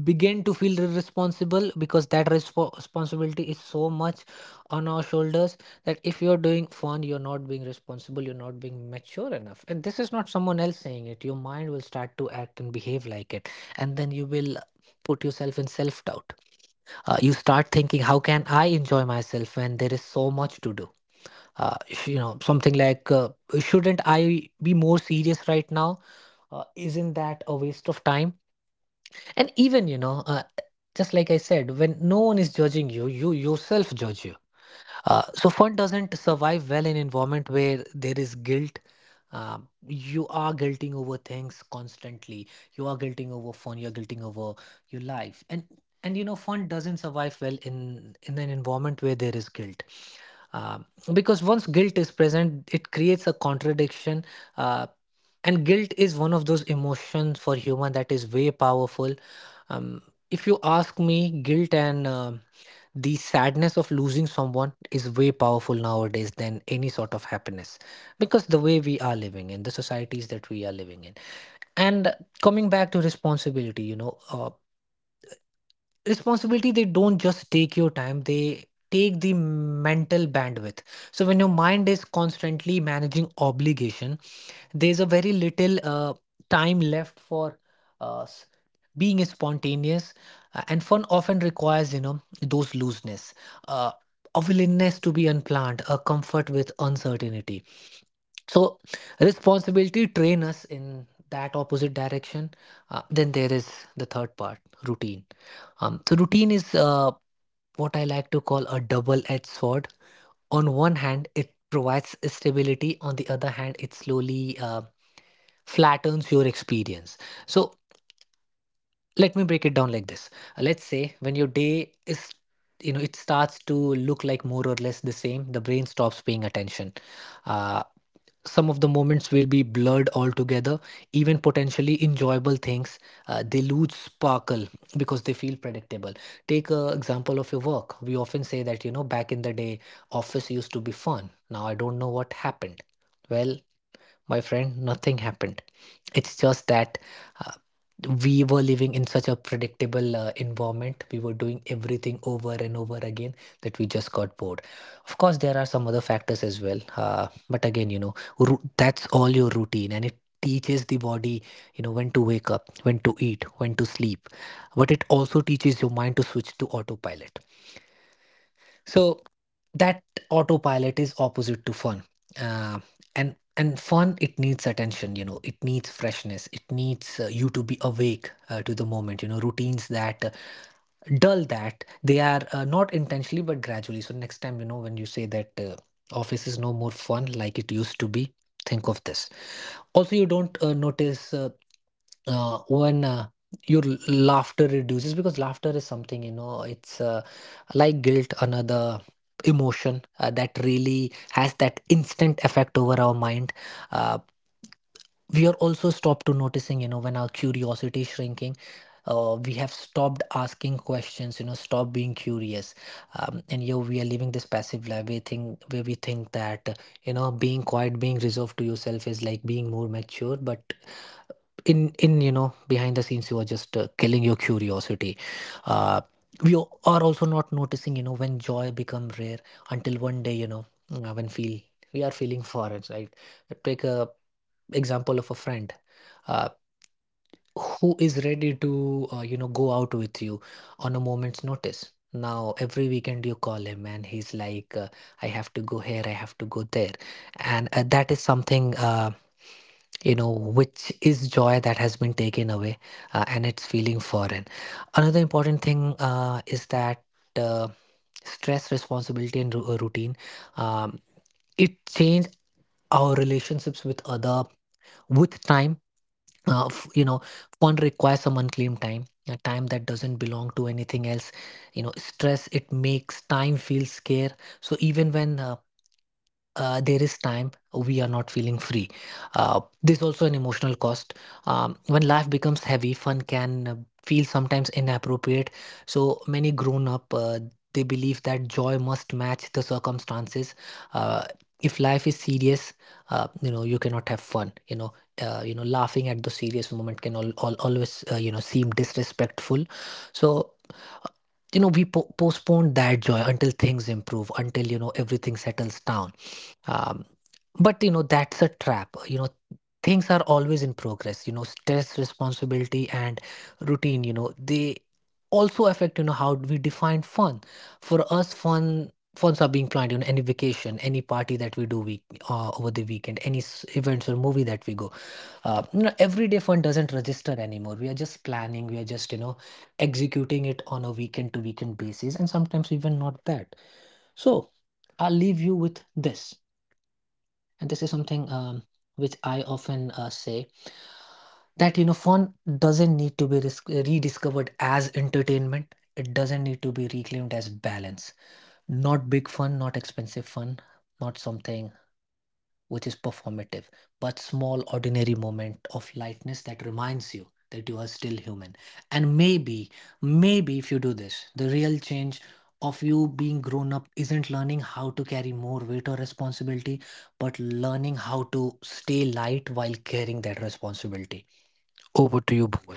Speaker 3: begin to feel irresponsible, because that responsibility is so much on our shoulders, that if you're doing fun you're not being responsible, you're not being mature enough, and this is not someone else saying it. Your mind will start to act and behave like it, and then you will put yourself in self doubt. You start thinking, how can I enjoy myself when there is so much to do? uh, Something like, shouldn't I be more serious right now? Isn't that a waste of time? And even, you know, just like I said, when no one is judging you, you yourself judge you. So fun doesn't survive well in environment where there is guilt. You are guilting over things constantly. You are guilting over fun. You are guilting over your life, and and fun doesn't survive well in an environment where there is guilt. Um, because once guilt is present, it creates a contradiction. Uh, and guilt is one of those emotions for human that is way powerful. Um, if you ask me, guilt and the sadness of losing someone is way powerful nowadays than any sort of happiness, because the way we are living in the societies that we are living in. And coming back to responsibility, responsibility, they don't just take your time, they take the mental bandwidth. So when your mind is constantly managing obligation, there's a very little time left for uh, s- being spontaneous. And fun often requires, you know, those looseness, uh, a willingness to be unplanned, a comfort with uncertainty. So responsibility train us in that opposite direction. Then there is the third part, routine. So routine is, what I like to call a double-edged sword. On one hand it provides stability, on the other hand it slowly flattens your experience. So let me break it down like this. Let's say when your day is, you know, it starts to look like more or less the same, the brain stops paying attention. uh, some of the moments will be blurred altogether, even potentially enjoyable things. They lose sparkle because they feel predictable. Take a example of your work. We often say that, you know, back in the day office used to be fun, now I don't know what happened. Well, my friend, nothing happened. It's just that, uh, we were living in such a predictable environment, we were doing everything over and over again, that we just got bored. Of course there are some other factors as well, but again, you know, that's all your routine, and it teaches the body, you know, when to wake up, when to eat, when to sleep. But it also teaches your mind to switch to autopilot. So that autopilot is opposite to fun. Uh, and fun, it needs attention, you know, it needs freshness, it needs you to be awake to the moment. You know, routines that dull, that they are, not intentionally but gradually. So next time, you know, when you say that office is no more fun like it used to be, think of this. Also you don't notice, when your laughter reduces, because laughter is something, you know, it's, like guilt, another emotion that really has that instant effect over our mind. uh, we are also stopped to noticing, you know, when our curiosity is shrinking. We have stopped asking questions, you know, stop being curious. And you we are living this passive life, we think, where we think that, you know, being quiet, being reserved to yourself is like being more mature. But in you know, behind the scenes, you are just killing your curiosity. uh are also not noticing, you know, when joy become rare, until one day, you know, when feel we are feeling foreign, right? Take a example of a friend, uh, who is ready to, you know, go out with you on a moment's notice. Now every weekend you call him and he's like, I have to go here, I have to go there. And that is something, you know, which is joy that has been taken away, and it's feeling foreign. Another important thing, is that uh, stress, responsibility, and routine, um, it change our relationships with other, with time. You know, fun requires some unclaimed time, a time that doesn't belong to anything else. You know, stress, it makes time feel scarce. So even when there is time, we are not feeling free. This also an emotional cost. When life becomes heavy, fun can feel sometimes inappropriate. So many grown up, they believe that joy must match the circumstances. Uh, if life is serious, you know, you cannot have fun. You know, laughing at the serious moment can all always you know, seem disrespectful. So, you know, we postpone that joy until things improve, until, you know, everything settles down. um, but you know, that's a trap. You know, things are always in progress. You know, stress, responsibility, and routine, you know, they also affect, you know, how we define fun. For us, funs are being planned, you know, any vacation, any party that we do week, over the weekend, any events or movie that we go. You know, everyday fun doesn't register anymore. We are just planning, we are just, you know, executing it on a weekend to weekend basis, and sometimes even not that. So I'll leave you with this, and this is something, which I often say, that you know, fun doesn't need to be rediscovered as entertainment, it doesn't need to be reclaimed as balance. Not big fun, not expensive fun, not something which is performative, but small, ordinary moment of lightness that reminds you that you are still human. And maybe, maybe if you do this, the real change of you being grown up isn't learning how to carry more weight or responsibility, but learning how to stay light while carrying that responsibility. Over to you, Bhuvan.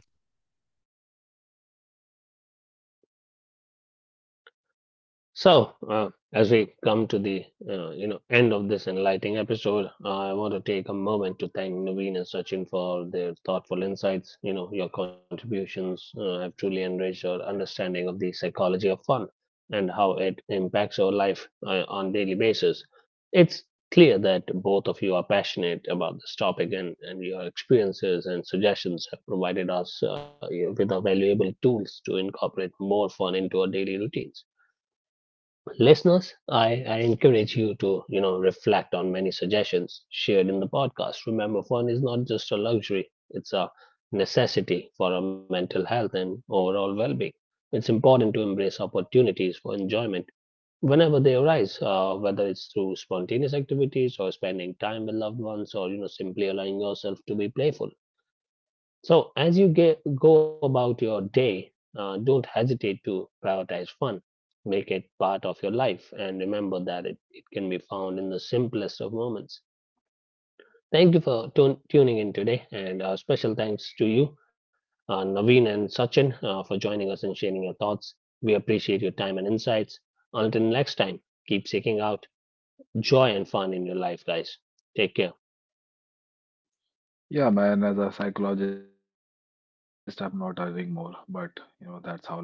Speaker 1: So, as we come to the end of this enlightening episode, I want to take a moment to thank Naveen and Sachin for their thoughtful insights. You know, your contributions have truly enriched our understanding of the psychology of fun and how it impacts our life on daily basis. It's clear that both of you are passionate about this topic, and your experiences and suggestions have provided us with our valuable tools to incorporate more fun into our daily routines. Listeners, I encourage you to, you know, reflect on many suggestions shared in the podcast. Remember, fun is not just a luxury, it's a necessity for our mental health and overall well being. It's important to embrace opportunities for enjoyment whenever they arise, whether it's through spontaneous activities or spending time with loved ones or, you know, simply allowing yourself to be playful. So, as go about your day, don't hesitate to prioritize fun. Make it part of your life and remember that it can be found in the simplest of moments. Thank you for tuning in today, and special thanks to you, Naveen and Sachin, for joining us and sharing your thoughts. We appreciate your time and insights. Until next time, keep seeking out joy and fun in your life, guys. Take care.
Speaker 2: Yeah, man, as a psychologist, I'm not adding more, but you know, that's how love it is. Thank you.